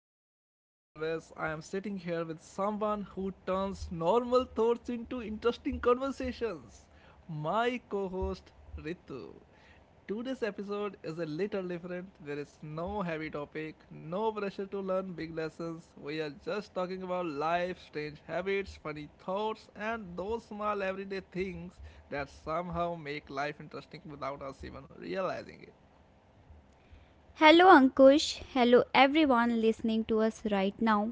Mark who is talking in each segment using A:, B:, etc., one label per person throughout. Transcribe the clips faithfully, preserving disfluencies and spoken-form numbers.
A: and as always, I am sitting here with someone who turns normal thoughts into interesting conversations my co host, Ritu. Today's episode is a little different. There is no heavy topic, no pressure to learn big lessons. We are just talking about life, strange habits, funny thoughts, and those small everyday things that somehow make life interesting without us even realizing it.
B: Hello, Ankush. Hello, everyone listening to us right now.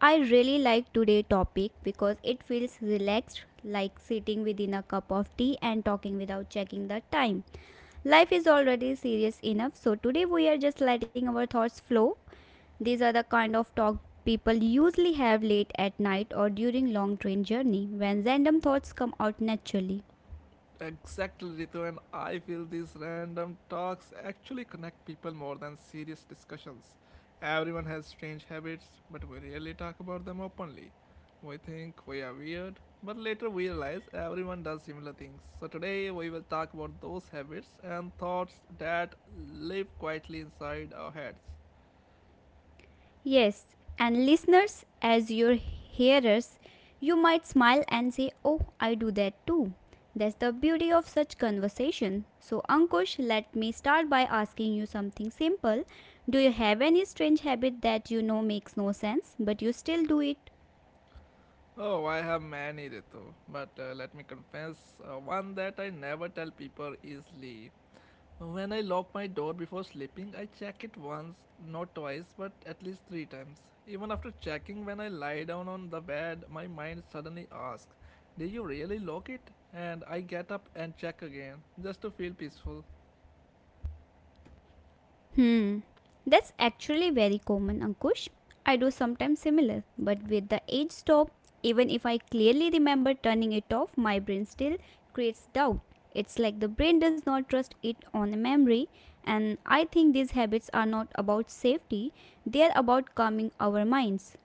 B: I really like today's topic because it feels relaxed, like sitting within a cup of tea and talking without checking the time. Life is already serious enough, so today we are just letting our thoughts flow. These are the kind of talk people usually have late at night or during long train journey when random thoughts come out naturally.
A: Exactly, Ritu, and I feel these random talks actually connect people more than serious discussions. Everyone has strange habits, but we rarely talk about them openly. We think we are weird, but later we realize everyone does similar things. So today we will talk about those habits and thoughts that live quietly inside our heads.
B: Yes, and listeners, as your hearers, you might smile and say, "Oh, I do that too." That's the beauty of such conversation. So, Ankush, let me start by asking you something simple. Do you have any strange habit that you know makes no sense, but you still do it?
A: Oh, I have many, Ritu, but uh, let me confess uh, one that I never tell people easily. When I lock my door before sleeping, I check it once, not twice, but at least three times. Even after checking, when I lie down on the bed, my mind suddenly asks, did you really lock it? And I get up and check again, just to feel peaceful.
B: Hmm. That's actually very common, Ankush. I do sometimes similar, but with the age stop, even if I clearly remember turning it off, my brain still creates doubt. It's like the brain does not trust it on a memory, and I think these habits are not about safety, they are about calming our minds.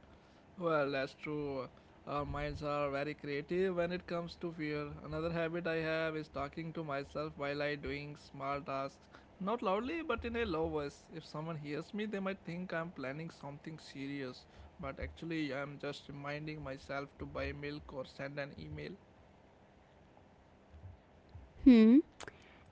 A: Well, that's true. Our minds are very creative when it comes to fear. Another habit I have is talking to myself while I doing small tasks. Not loudly, but in a low voice. If someone hears me, they might think I'm planning something serious, but actually I'm just reminding myself to buy milk or send an email.
B: Hmm.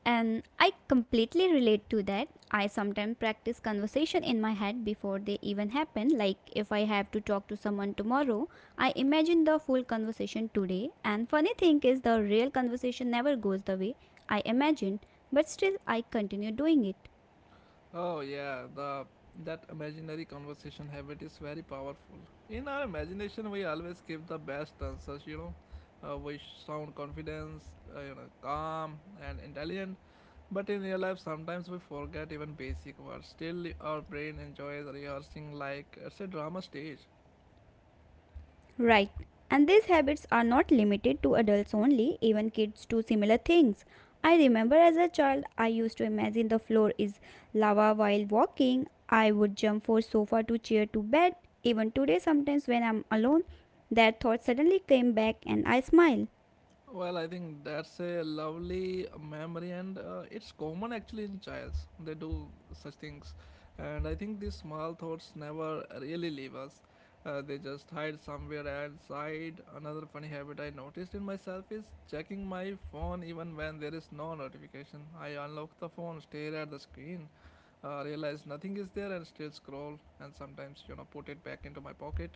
B: And I completely relate to that. I sometimes practice conversation in my head before they even happen. Like if I have to talk to someone tomorrow, I imagine the full conversation today. And funny thing is the real conversation never goes the way I imagined, but still I continue doing it.
A: Oh yeah, the that imaginary conversation habit is very powerful. In our imagination, we always give the best answers. You know, uh, we sound confident, uh, you know, calm and intelligent. But in real life, sometimes we forget even basic words. Still, our brain enjoys rehearsing like it's a drama stage.
B: Right. And these habits are not limited to adults only, even kids do similar things. I remember as a child, I used to imagine the floor is lava while walking. I would jump from sofa to chair to bed. Even today, sometimes when I'm alone, that thought suddenly came back and I smile.
A: Well, I think that's a lovely memory, and uh, it's common actually in childs. They do such things, and I think these small thoughts never really leave us. Uh, they just hide somewhere inside. Another funny habit I noticed in myself is checking my phone even when there is no notification. I unlock the phone, stare at the screen, uh, realize nothing is there, and still scroll. And sometimes, you know, put it back into my pocket.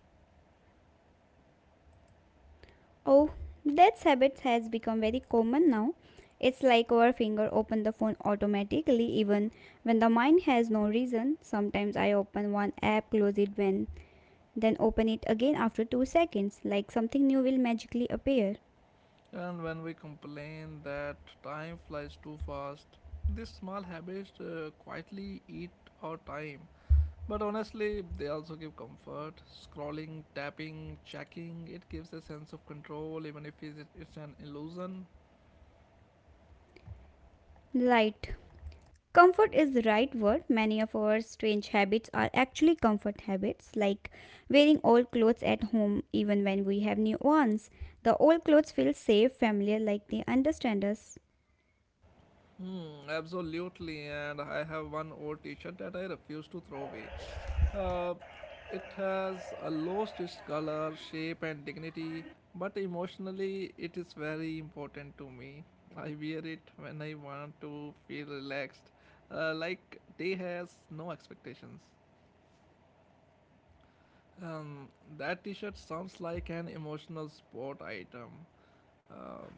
B: Oh, that habit has become very common now. It's like our finger open the phone automatically even when the mind has no reason. Sometimes I open one app, close it when Then open it again after two seconds, like something new will magically appear.
A: And when we complain that time flies too fast, these small habits uh, quietly eat our time. But honestly, they also give comfort. Scrolling, tapping, checking, it gives a sense of control, even if it's it's an illusion.
B: Light. Comfort is the right word. Many of our strange habits are actually comfort habits, like wearing old clothes at home even when we have new ones. The old clothes feel safe, familiar, like they understand us.
A: Hmm, absolutely. And I have one old t shirt that I refuse to throw away. Uh, it has uh, lost its color, shape, and dignity, but emotionally, it is very important to me. I wear it when I want to feel relaxed, uh, like day has no expectations. Um, that t shirt sounds like an emotional sport item. Um,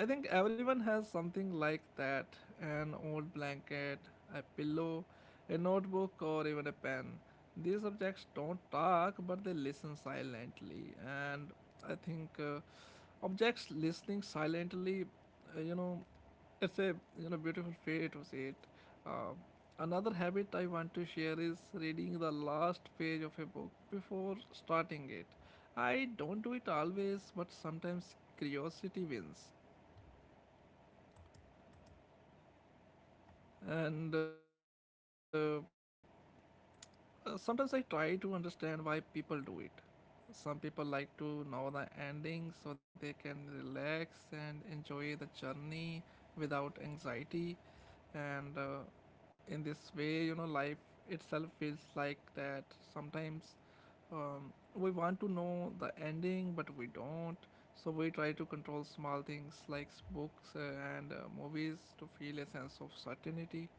A: I think everyone has something like that an old blanket, a pillow, a notebook, or even a pen. These objects don't talk but they listen silently, and I think uh, objects listening silently, uh, you know, it's a you know beautiful way to see it. Uh, Another habit I want to share is reading the last page of a book before starting it. I don't do it always, but sometimes curiosity wins, and uh, uh, sometimes I try to understand why people do it. Some people like to know the ending so they can relax and enjoy the journey without anxiety, and uh, in this way you know life itself feels like that sometimes. Um, we want to know the ending but we don't, so we try to control small things like books uh, and uh, movies to feel a sense of certainty.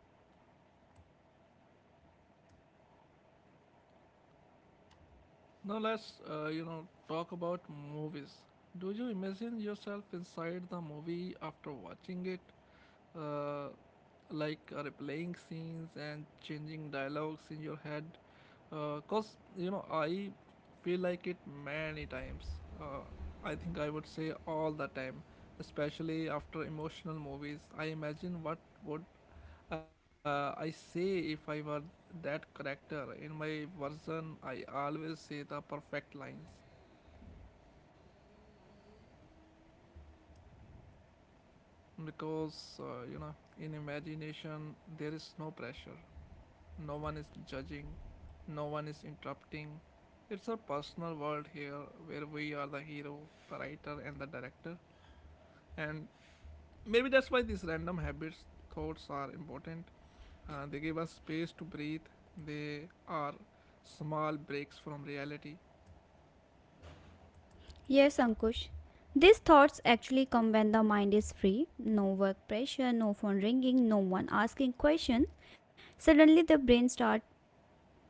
A: Now let's uh, you know talk about movies. Do you imagine yourself inside the movie after watching it, uh, like uh, replaying scenes and changing dialogues in your head? Uh, cause you know I feel like it many times. Uh, I think I would say all the time, especially after emotional movies. I imagine what would uh, I say if I were that character. In my version, I always say the perfect lines because uh, you know in imagination there is no pressure. No one is judging, no one is interrupting. It's our personal world here where we are the hero, the writer, and the director. And maybe that's why these random habits, thoughts are important. Uh, they give us space to breathe, they are small breaks from reality.
B: Yes, Ankush. These thoughts actually come when the mind is free. No work pressure, no phone ringing, no one asking questions. Suddenly the brain starts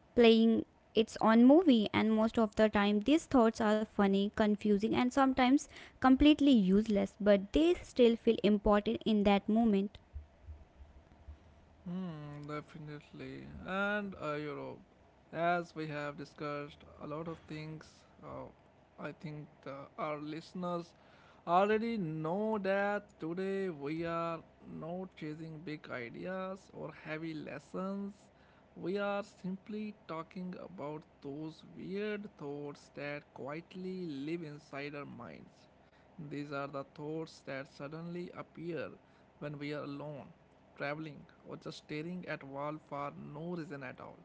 B: playing its own movie, and most of the time these thoughts are funny, confusing, and sometimes completely useless, but they still feel important in that moment.
A: Hmm, definitely. And uh, Europe. As we have discussed a lot of things, uh, I think the, our listeners already know that today we are not chasing big ideas or heavy lessons. We are simply talking about those weird thoughts that quietly live inside our minds. These are the thoughts that suddenly appear when we are alone, traveling, or just staring at wall for no reason at all.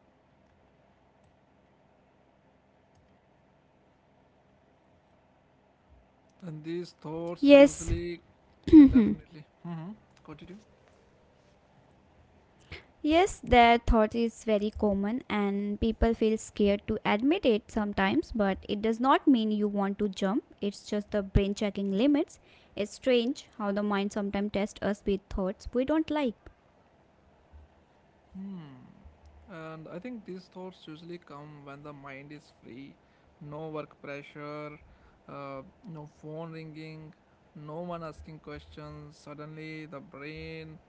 A: And these thoughts
B: Yes,
A: usually definitely mm-hmm. continue.
B: yes, that thought is very common and people feel scared to admit it sometimes, but it does not mean you want to jump. It's just the brain checking limits. It's strange how the mind sometimes tests us with thoughts we don't like.
A: Hmm. And I think these thoughts usually come when the mind is free, no work pressure, uh, no phone ringing, no one asking questions. Suddenly, the brain,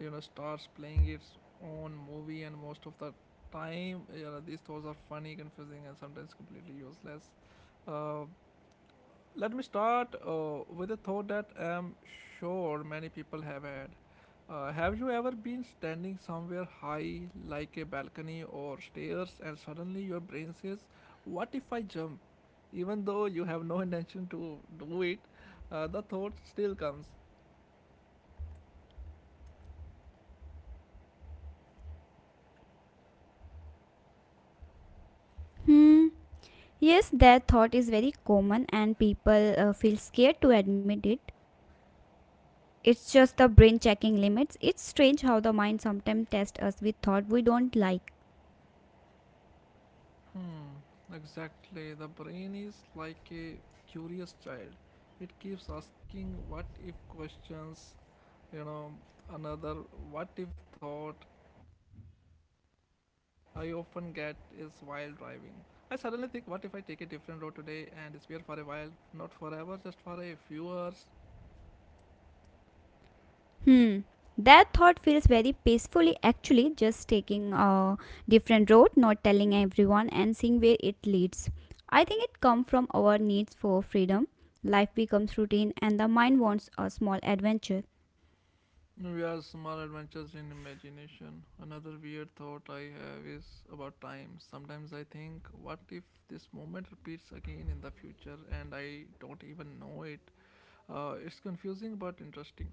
A: you know, starts playing its own movie, and most of the time, you know, these thoughts are funny, confusing, and sometimes completely useless. Uh, Let me start uh, with a thought that I'm sure many people have had. Uh, have you ever been standing somewhere high, like a balcony or stairs, and suddenly your brain says, what if I jump? Even though you have no intention to do it, uh, the thought still comes.
B: Hmm. Yes, that thought is very common and people uh, feel scared to admit it. It's just the brain checking limits. It's strange how the mind sometimes tests us with thought we don't like.
A: Hmm, exactly. The brain is like a curious child. It keeps asking what if questions. You know, another what if thought I often get is while driving. I suddenly think, what if I take a different road today and disappear for a while? Not forever, just for a few hours.
B: Hmm. That thought feels very peacefully actually, just taking a different road, not telling everyone and seeing where it leads. I think it comes from our needs for freedom. Life becomes routine and the mind wants a small adventure.
A: We are small adventures in imagination. Another weird thought I have is about time. Sometimes I think, what if this moment repeats again in the future and I don't even know it? Uh, it's confusing but interesting.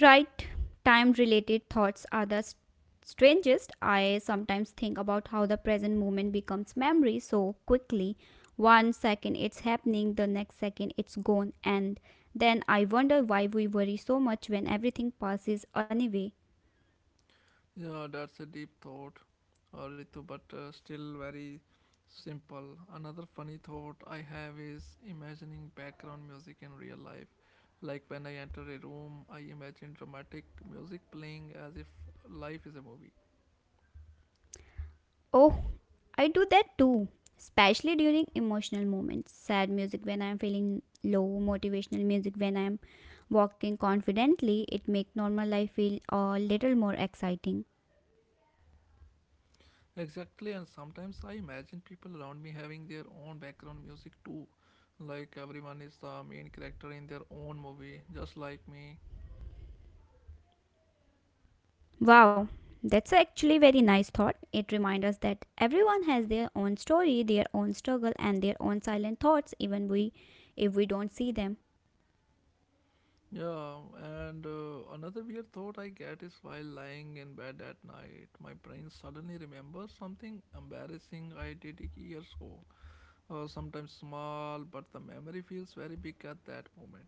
B: Right, time related thoughts are the s- strangest. I sometimes think about how the present moment becomes memory so quickly. One second it's happening, the next second it's gone, and then I wonder why we worry so much when everything passes anyway.
A: Yeah, that's a deep thought, uh, Ritu, but uh, still very simple. Another funny thought I have is imagining background music in real life. Like when I enter a room, I imagine dramatic music playing as if life is a movie.
B: Oh, I do that too, especially during emotional moments. Sad music when I'm feeling low, motivational music when I'm walking confidently, it makes normal life feel a little more exciting.
A: Exactly, and sometimes I imagine people around me having their own background music too. Like everyone is the main character in their own movie, just like me.
B: Wow, that's actually very nice thought. It reminds us that everyone has their own story, their own struggle, and their own silent thoughts, even we if we don't see them.
A: Yeah, and uh, another weird thought I get is while lying in bed at night, my brain suddenly remembers something embarrassing I did years ago. Uh, sometimes small, but the memory feels very big at that moment.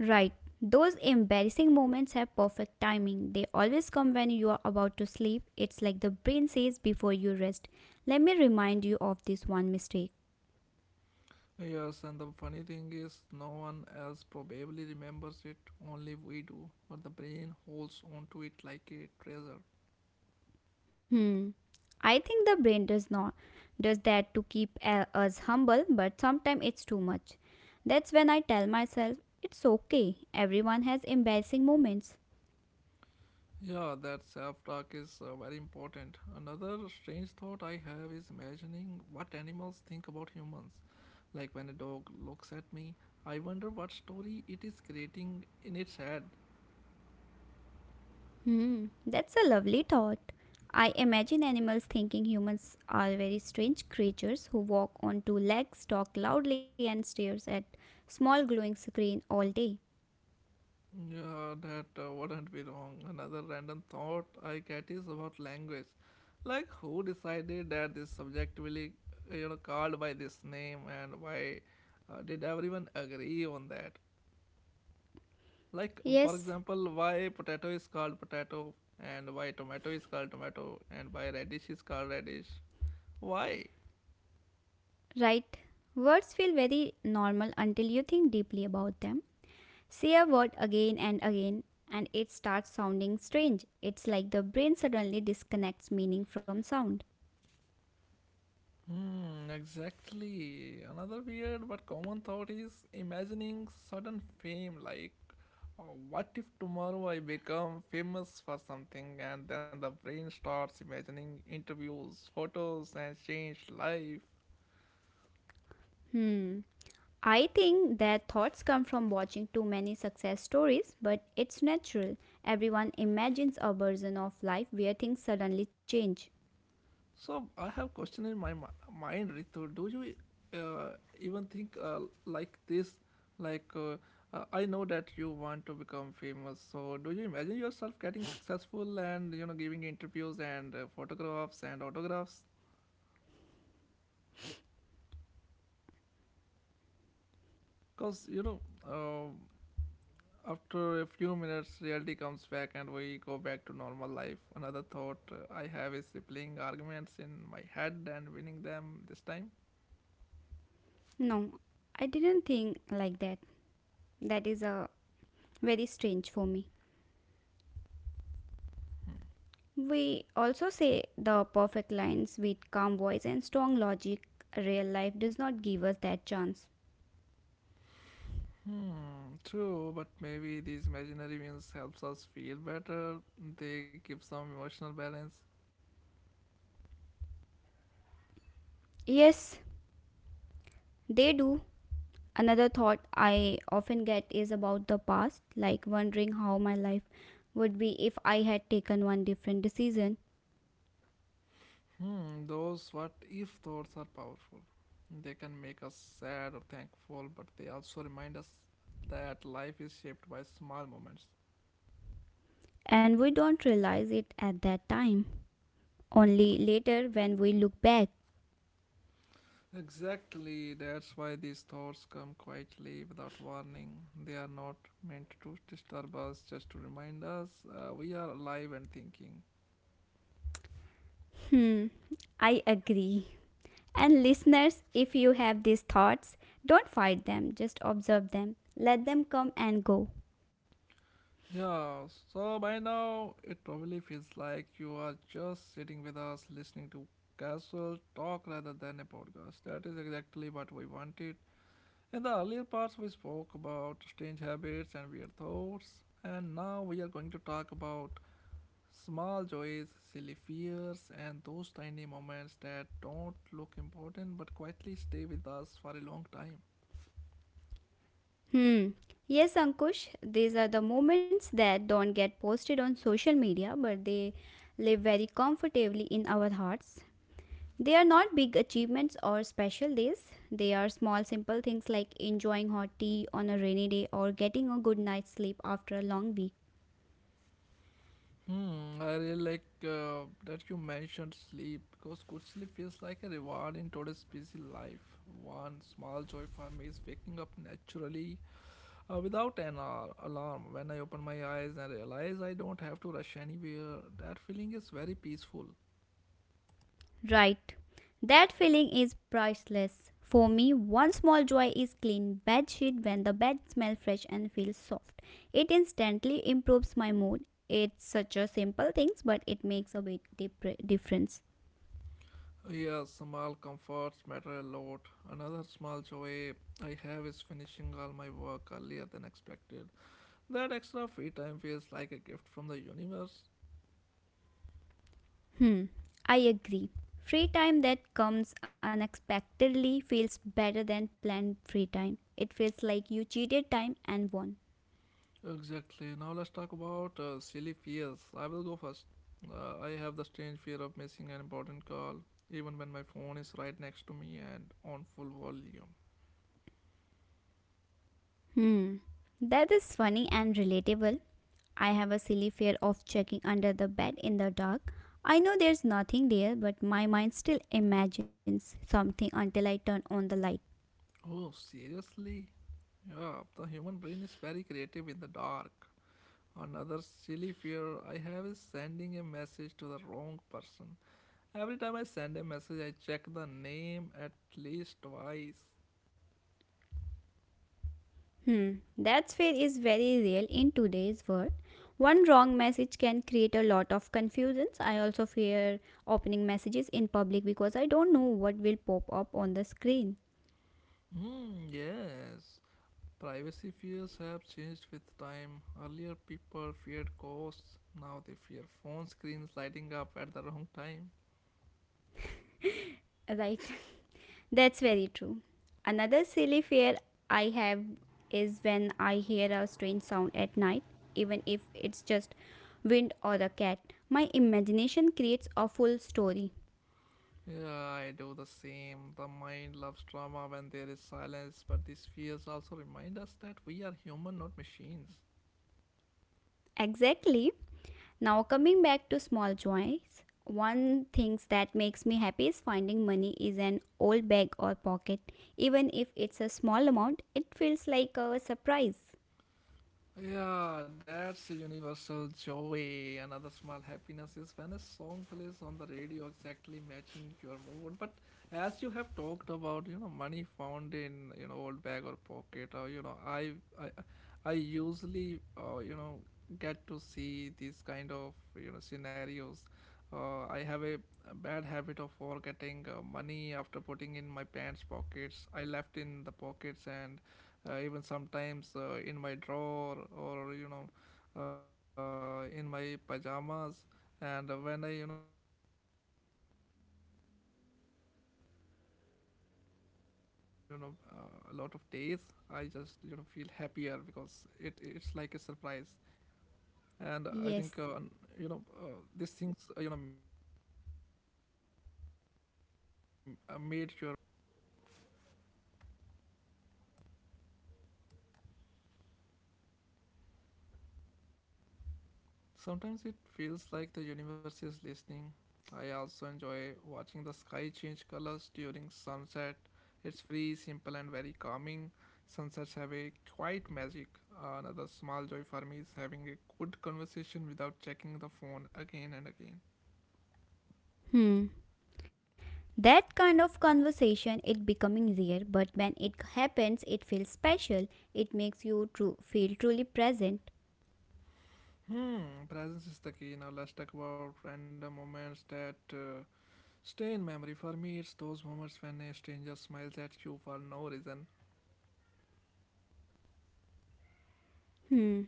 B: Right. Those embarrassing moments have perfect timing. They always come when you are about to sleep. It's like the brain says before you rest, let me remind you of this one mistake.
A: Yes, and the funny thing is, no one else probably remembers it, only we do. But the brain holds on to it like a treasure.
B: Hmm. I think the brain does not does that to keep uh, us humble, but sometimes it's too much. That's when I tell myself it's okay. Everyone has embarrassing moments.
A: Yeah, that self talk is uh, very important. Another strange thought I have is imagining what animals think about humans. Like when a dog looks at me, I wonder what story it is creating in its head.
B: Hmm. That's a lovely thought. I imagine animals thinking humans are very strange creatures who walk on two legs, talk loudly, and stares at small glowing screen all day.
A: Yeah, that uh, wouldn't be wrong. Another random thought I get is about language. Like who decided that this subjectively, uh, you know, called by this name and why uh, did everyone agree on that? Like, for
B: Yes,
A: example, why potato is called potato, and why tomato is called tomato, and why radish is called radish. Why?
B: right. Words feel very normal until you think deeply about them. Say a word again and again, and it starts sounding strange. It's like the brain suddenly disconnects meaning from sound.
A: Hmm, exactly. Another weird but common thought is imagining sudden fame. Like, uh, what if tomorrow I become famous for something, and then the brain starts imagining interviews, photos, and changed life.
B: Hmm. I think that thoughts come from watching too many success stories, but it's natural. Everyone imagines a version of life where things suddenly change.
A: So I have question in my mi- mind, Ritu. Do you uh, even think uh, like this? Like uh, uh, I know that you want to become famous. So do you imagine yourself getting successful and you know giving interviews and uh, photographs and autographs? Because you know uh, after a few minutes, reality comes back and we go back to normal life. Another thought uh, I have is replaying arguments in my head and winning them this time.
B: No, I didn't think like that. That is a very strange for me. We also say the perfect lines with calm voice and strong logic. Real life does not give us that chance.
A: Hmm, true, but maybe these imaginary wins helps us feel better. They give some emotional balance.
B: Yes, they do. Another thought I often get is about the past, like wondering how my life would be if I had taken one different decision,
A: Hmm, those what if thoughts are powerful. They can make us sad or thankful, but they also remind us that life is shaped by small moments.
B: and we don't realize it at that time. Only later when we look back.
A: Exactly, that's why these thoughts come quietly without warning. They are not meant to disturb us, just to remind us uh, we are alive and thinking.
B: Hmm, I agree. And listeners, if you have these thoughts, don't fight them, just observe them. Let them come and go.
A: Yeah, so by now it probably feels like you are just sitting with us listening to casual talk rather than a podcast. That is exactly what we wanted. In the earlier parts, we spoke about strange habits and weird thoughts, and now we are going to talk about small joys, silly fears, and those tiny moments that don't look important but quietly stay with us for a long time.
B: Hmm. Yes, Ankush, these are the moments that don't get posted on social media, but they live very comfortably in our hearts. They are not big achievements or special days. They are small, simple things like enjoying hot tea on a rainy day or getting a good night's sleep after a long week.
A: Hmm, I really like uh, that you mentioned sleep because good sleep feels like a reward in today's busy life. One small joy for me is waking up naturally uh, without an ar- alarm. When I open my eyes and realize I don't have to rush anywhere, that feeling is very peaceful.
B: Right. That feeling is priceless. For me, one small joy is clean bed sheet when the bed smells fresh and feels soft. It instantly improves my mood. It's such a simple thing, but it makes a big dip- difference.
A: Yes, small comforts matter a lot. Another small joy I have is finishing all my work earlier than expected. That extra free time feels like a gift from the universe.
B: Hmm, I agree. Free time that comes unexpectedly feels better than planned free time. It feels like you cheated time and won.
A: Exactly. Now let's talk about uh, silly fears. I will go first. Uh, I have the strange fear of missing an important call, even when my phone is right next to me and on full volume.
B: Hmm, that is funny and relatable. I have a silly fear of checking under the bed in the dark. I know there's nothing there, but my mind still imagines something until I turn on the light.
A: Oh, seriously? Yeah, the human brain is very creative in the dark. Another silly fear I have is sending a message to the wrong person. Every time I send a message, I check the name at least twice.
B: Hmm, that fear is very real in today's world. One wrong message can create a lot of confusions. I also fear opening messages in public because I don't know what will pop up on the screen.
A: Hmm, yes. Privacy fears have changed with time. Earlier, people feared ghosts. Now they fear phone screens lighting up at the wrong time.
B: Right. That's very true. Another silly fear I have is when I hear a strange sound at night, even if it's just wind or a cat. My imagination creates a full story.
A: Yeah, I do the same. The mind loves drama when there is silence, but these fears also remind us that we are human, not machines.
B: Exactly. Now, coming back to small joys, one thing that makes me happy is finding money is an old bag or pocket. Even if it's a small amount, it feels like a surprise.
A: Yeah, that's a universal joy. Another small happiness is when a song plays on the radio exactly matching your mood. But as you have talked about, you know, money found in you know old bag or pocket, or you know, I I I usually uh, you know get to see these kind of you know scenarios. Uh, I have a bad habit of forgetting uh, money after putting in my pants pockets. I left in the pockets and uh, even sometimes uh, in my drawer or you know uh, in my pajamas and uh, when I you know uh, find it uh, after um, uh, you know uh, a lot of days I just you know feel happier because it it's like a surprise and I think uh, un- you know uh,
B: Yes.
A: these things uh, you know m- uh, made your mood and uh, you know keep your lives going on. Sometimes it feels like the universe is listening. I also enjoy watching the sky change colors during sunset. It's free, simple, and very calming. Sunsets have a quiet magic. Another small joy for me is having a good conversation without checking the phone again and again.
B: Hmm. That kind of conversation it becoming rare, but when it happens, it feels special. It makes you true, feel truly present.
A: Hmm, presence is the key. Now let's talk about random moments that uh, stay in memory. For me, it's those moments when a stranger smiles at you for no reason.
B: Hmm.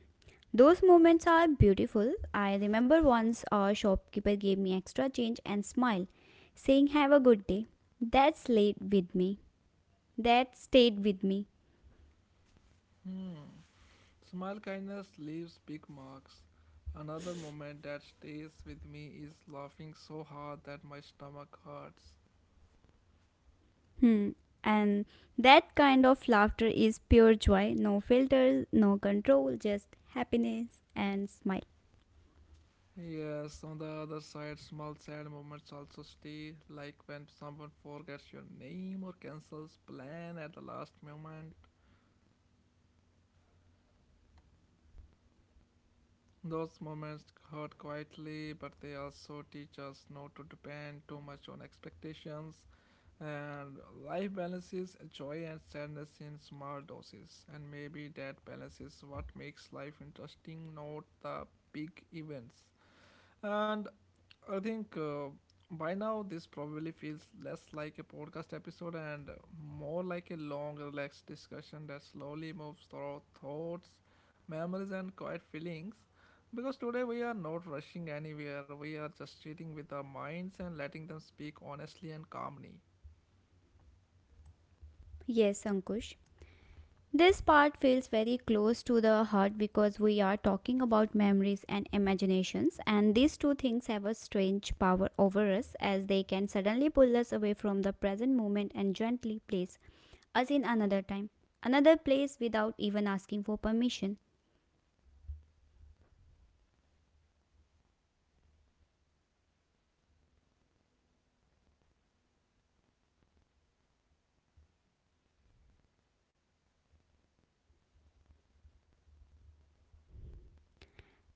B: Those moments are beautiful. I remember once a shopkeeper gave me extra change and smile, saying "Have a good day." That stayed with me. That stayed with me.
A: Hmm, smile kindness leaves big marks. Another moment that stays with me is laughing so hard that my stomach hurts.
B: Hmm. And that kind of laughter is pure joy. No filters, no control, just happiness and smile.
A: Yes, on the other side, small sad moments also stay, like when someone forgets your name or cancels plan at the last moment. Those moments hurt quietly, but they also teach us not to depend too much on expectations. And life balances joy and sadness in small doses, and maybe that balances what makes life interesting, not the big events. And I think uh, by now this probably feels less like a podcast episode and more like a long, relaxed discussion that slowly moves through thoughts, memories, and quiet feelings. Because today we are not rushing anywhere, we are just sitting with our minds and letting them speak honestly and calmly.
B: Yes, Ankush. This part feels very close to the heart because we are talking about memories and imaginations, and these two things have a strange power over us as they can suddenly pull us away from the present moment and gently place us in another time, another place without even asking for permission.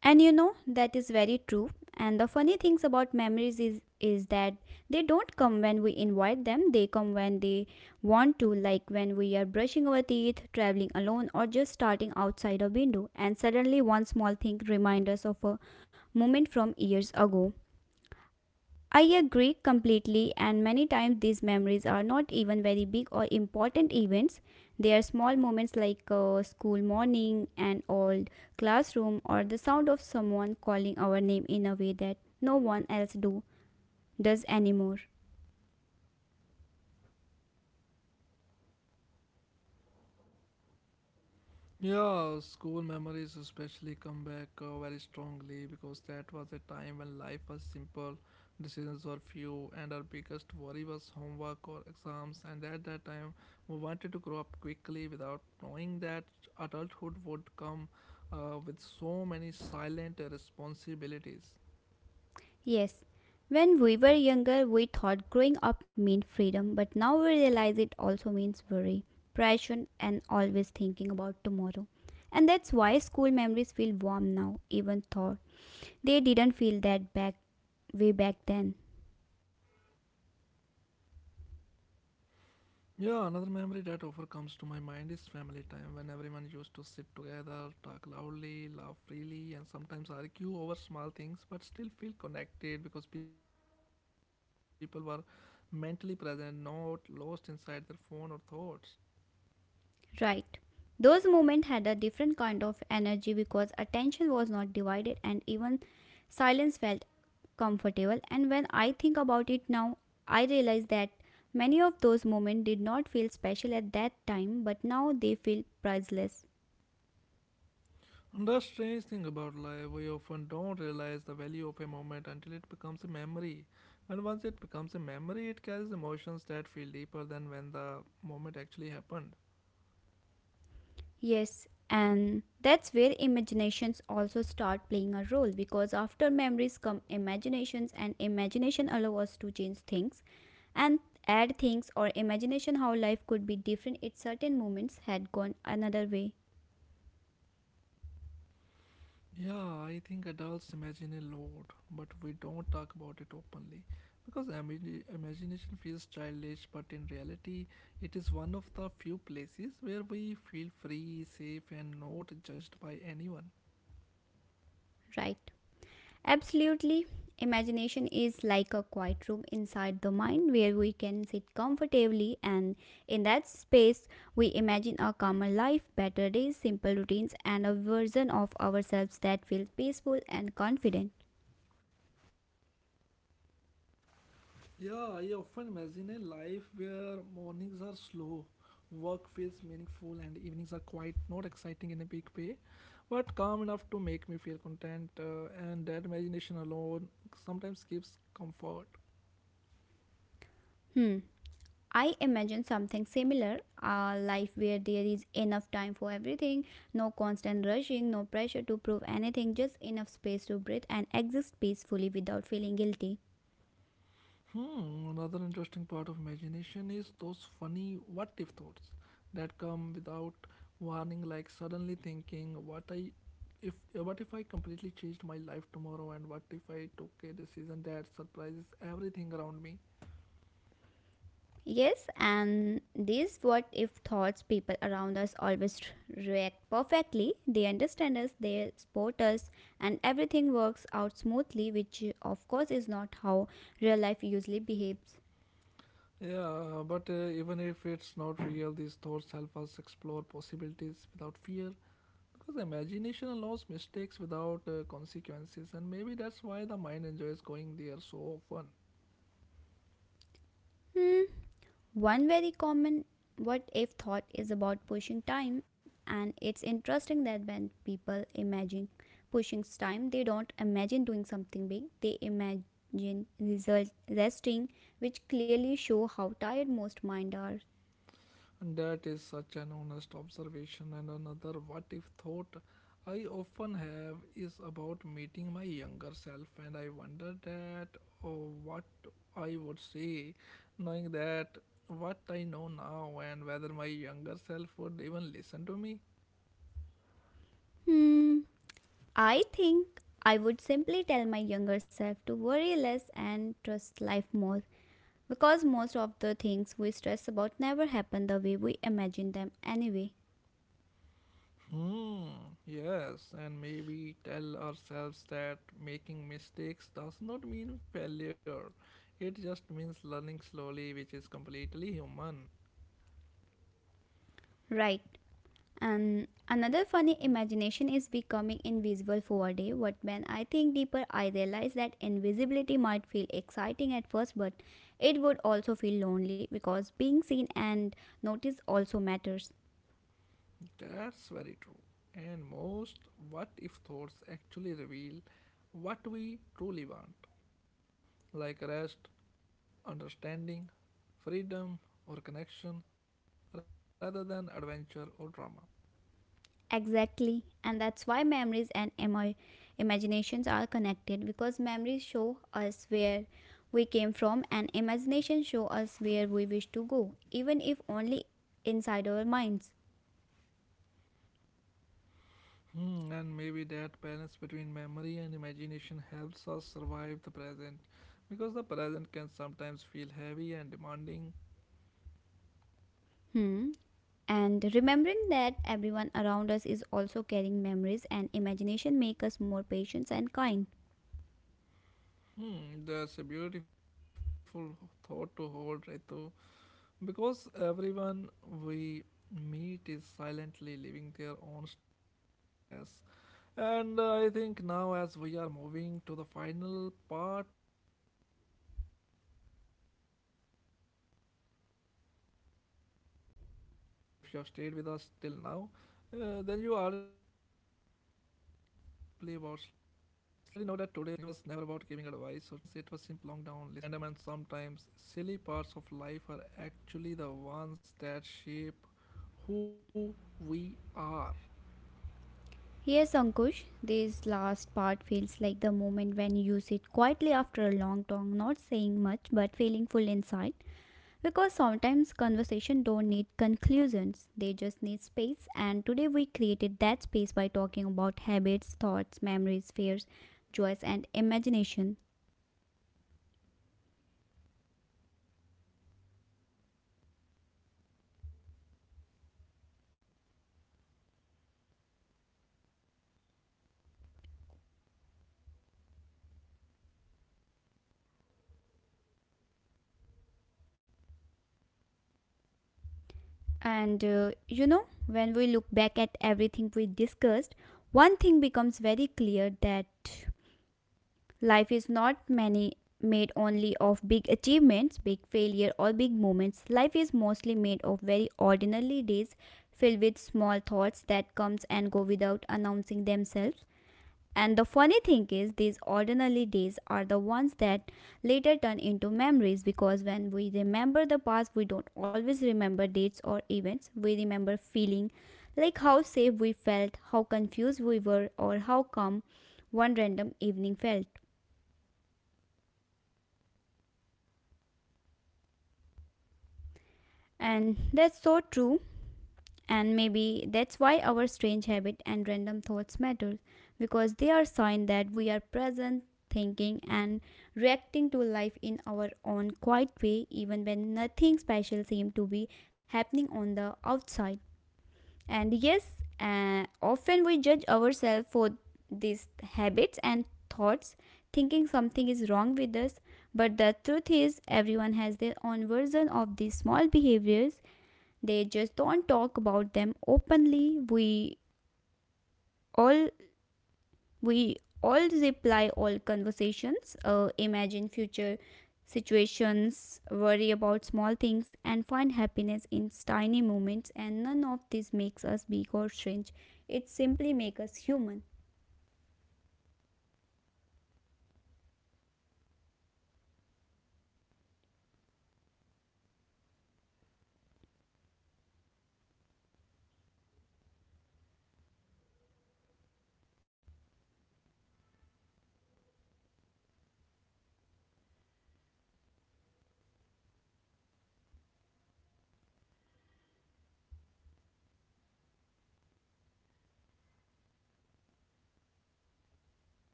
B: And you know that is very true. And the funny things about memories is is that they don't come when we invite them. They come when they want to, like when we are brushing our teeth, traveling alone, or just starting outside a window. And suddenly, one small thing reminds us of a moment from years ago. I agree completely, and many times these memories are not even very big or important events. They are small moments like a school morning, an old classroom, or the sound of someone calling our name in a way that no one else do does anymore.
A: Yeah, school memories especially come back uh, very strongly because that was a time when life was simple, decisions were few, and our biggest worry was homework or exams. And at that time, we wanted to grow up quickly without knowing that adulthood would come uh, with so many silent responsibilities.
B: Yes, when we were younger, we thought growing up meant freedom, but now we realize it also means worry, pressure, and always thinking about tomorrow. And that's why school memories feel warm now, even though They didn't feel that back way back then.
A: Yeah, another memory that often comes to my mind is family time when everyone used to sit together, talk loudly, laugh freely, and sometimes argue over small things but still feel connected because people were mentally present, not lost inside their phone or thoughts.
B: Right. Those moments had a different kind of energy because attention was not divided and even silence felt comfortable. And when I think about it now, I realize that many of those moments did not feel special at that time, but now they feel priceless.
A: And that's strange thing about life, we often don't realize the value of a moment until it becomes a memory. And once it becomes a memory, it carries emotions that feel deeper than when the moment actually happened.
B: Yes, and that's where imaginations also start playing a role because after memories come imaginations, and imagination allow us to change things and add things or imagination how life could be different if certain moments had gone another way,
A: Yeah, I think adults imagine a lot, but we don't talk about it openly because imagi- imagination feels childish, but in reality, it is one of the few places where we feel free, safe, and not judged by anyone.
B: right? Absolutely. Imagination is like a quiet room inside the mind where we can sit comfortably, and in that space, we imagine a calmer life, better days, simple routines, and a version of ourselves that feels peaceful and confident.
A: Yeah, I often imagine a life where mornings are slow, work feels meaningful, and evenings are quiet, not exciting in a big way, but calm enough to make me feel content. Uh, and that imagination alone sometimes gives comfort.
B: Hmm. I imagine something similar, a life where there is enough time for everything, no constant rushing, no pressure to prove anything, just enough space to breathe and exist peacefully without feeling guilty.
A: Hmm, another interesting part of imagination is those funny what if thoughts that come without warning, like suddenly thinking, what I if what if I completely changed my life tomorrow and what if I took a decision that surprises everything around me?
B: Yes, and these what if thoughts, people around us always r- react perfectly. They understand us, they support us, and everything works out smoothly, which, uh, of course, is not how real life usually behaves.
A: Yeah, but uh, even if it's not real, these thoughts help us explore possibilities without fear because imagination allows mistakes without uh, consequences, and maybe that's why the mind enjoys going there so often.
B: Hmm. One very common what if thought is about pushing time, and it's interesting that when people imagine pushing time, they don't imagine doing something big, they imagine result resting, which clearly show how tired most minds are.
A: And that is such an honest observation. And another what if thought I often have is about meeting my younger self, and I wonder that oh, what I would say, knowing that what I know now, and whether my younger self would even listen to me.
B: Hmm, I think I would simply tell my younger self to worry less and trust life more because most of the things we stress about never happen the way we imagine them anyway.
A: Hmm, yes, and maybe tell ourselves that making mistakes does not mean failure. It just means learning slowly, which is completely human.
B: Right. And another funny imagination is becoming invisible for a day. But when I think deeper, I realize that invisibility might feel exciting at first, but it would also feel lonely because being seen and noticed also matters.
A: That's very true. And most what if thoughts actually reveal what we truly want, like rest, understanding, freedom, or connection, rather than adventure or drama.
B: Exactly, and that's why memories and emo- imaginations are connected because memories show us where we came from and imagination show us where we wish to go, even if only inside our minds.
A: Hmm, and maybe that balance between memory and imagination helps us survive the present because the present can sometimes feel heavy and demanding.
B: Hmm. And remembering that everyone around us is also carrying memories and imagination make us more patient and kind.
A: Hmm, that's a beautiful thought to hold, Ritu. Because everyone we meet is silently living their own stories just like us. And uh, I think now, as we are moving to the final part of this uh, long and gentle conversation, and if you have stayed with us till now, uh, then you already know that today was never about giving advice or teaching lessons. It was simply about slowing down, listening to ourselves, and understanding that small, random, and sometimes silly parts of life are actually the ones that shape who we are.
B: Yes, Ankush, this last part feels like the moment when you sit quietly after a long talk, not saying much but feeling full inside. Because sometimes conversation don't need conclusions, they just need space. And today we created that space by talking about habits, thoughts, memories, fears, joys, and imagination. And uh, you know, when we look back at everything we discussed, one thing becomes very clear, that life is not many made only of big achievements, big failure or big moments. Life is mostly made of very ordinary days filled with small thoughts that comes and go without announcing themselves. And the funny thing is, these ordinary days are the ones that later turn into memories because when we remember the past, we don't always remember dates or events. We remember feeling, like how safe we felt, how confused we were, or how calm one random evening felt. And that's so true. And maybe that's why our strange habit and random thoughts matter, because they are sign that we are present, thinking and reacting to life in our own quiet way, even when nothing special seems to be happening on the outside. And yes, uh, often we judge ourselves for these habits and thoughts, thinking something is wrong with us, but the truth is everyone has their own version of these small behaviors, they just don't talk about them openly. We all we all reply all conversations, uh, imagine future situations, worry about small things, and find happiness in tiny moments. And none of this makes us big or strange. It simply makes us human.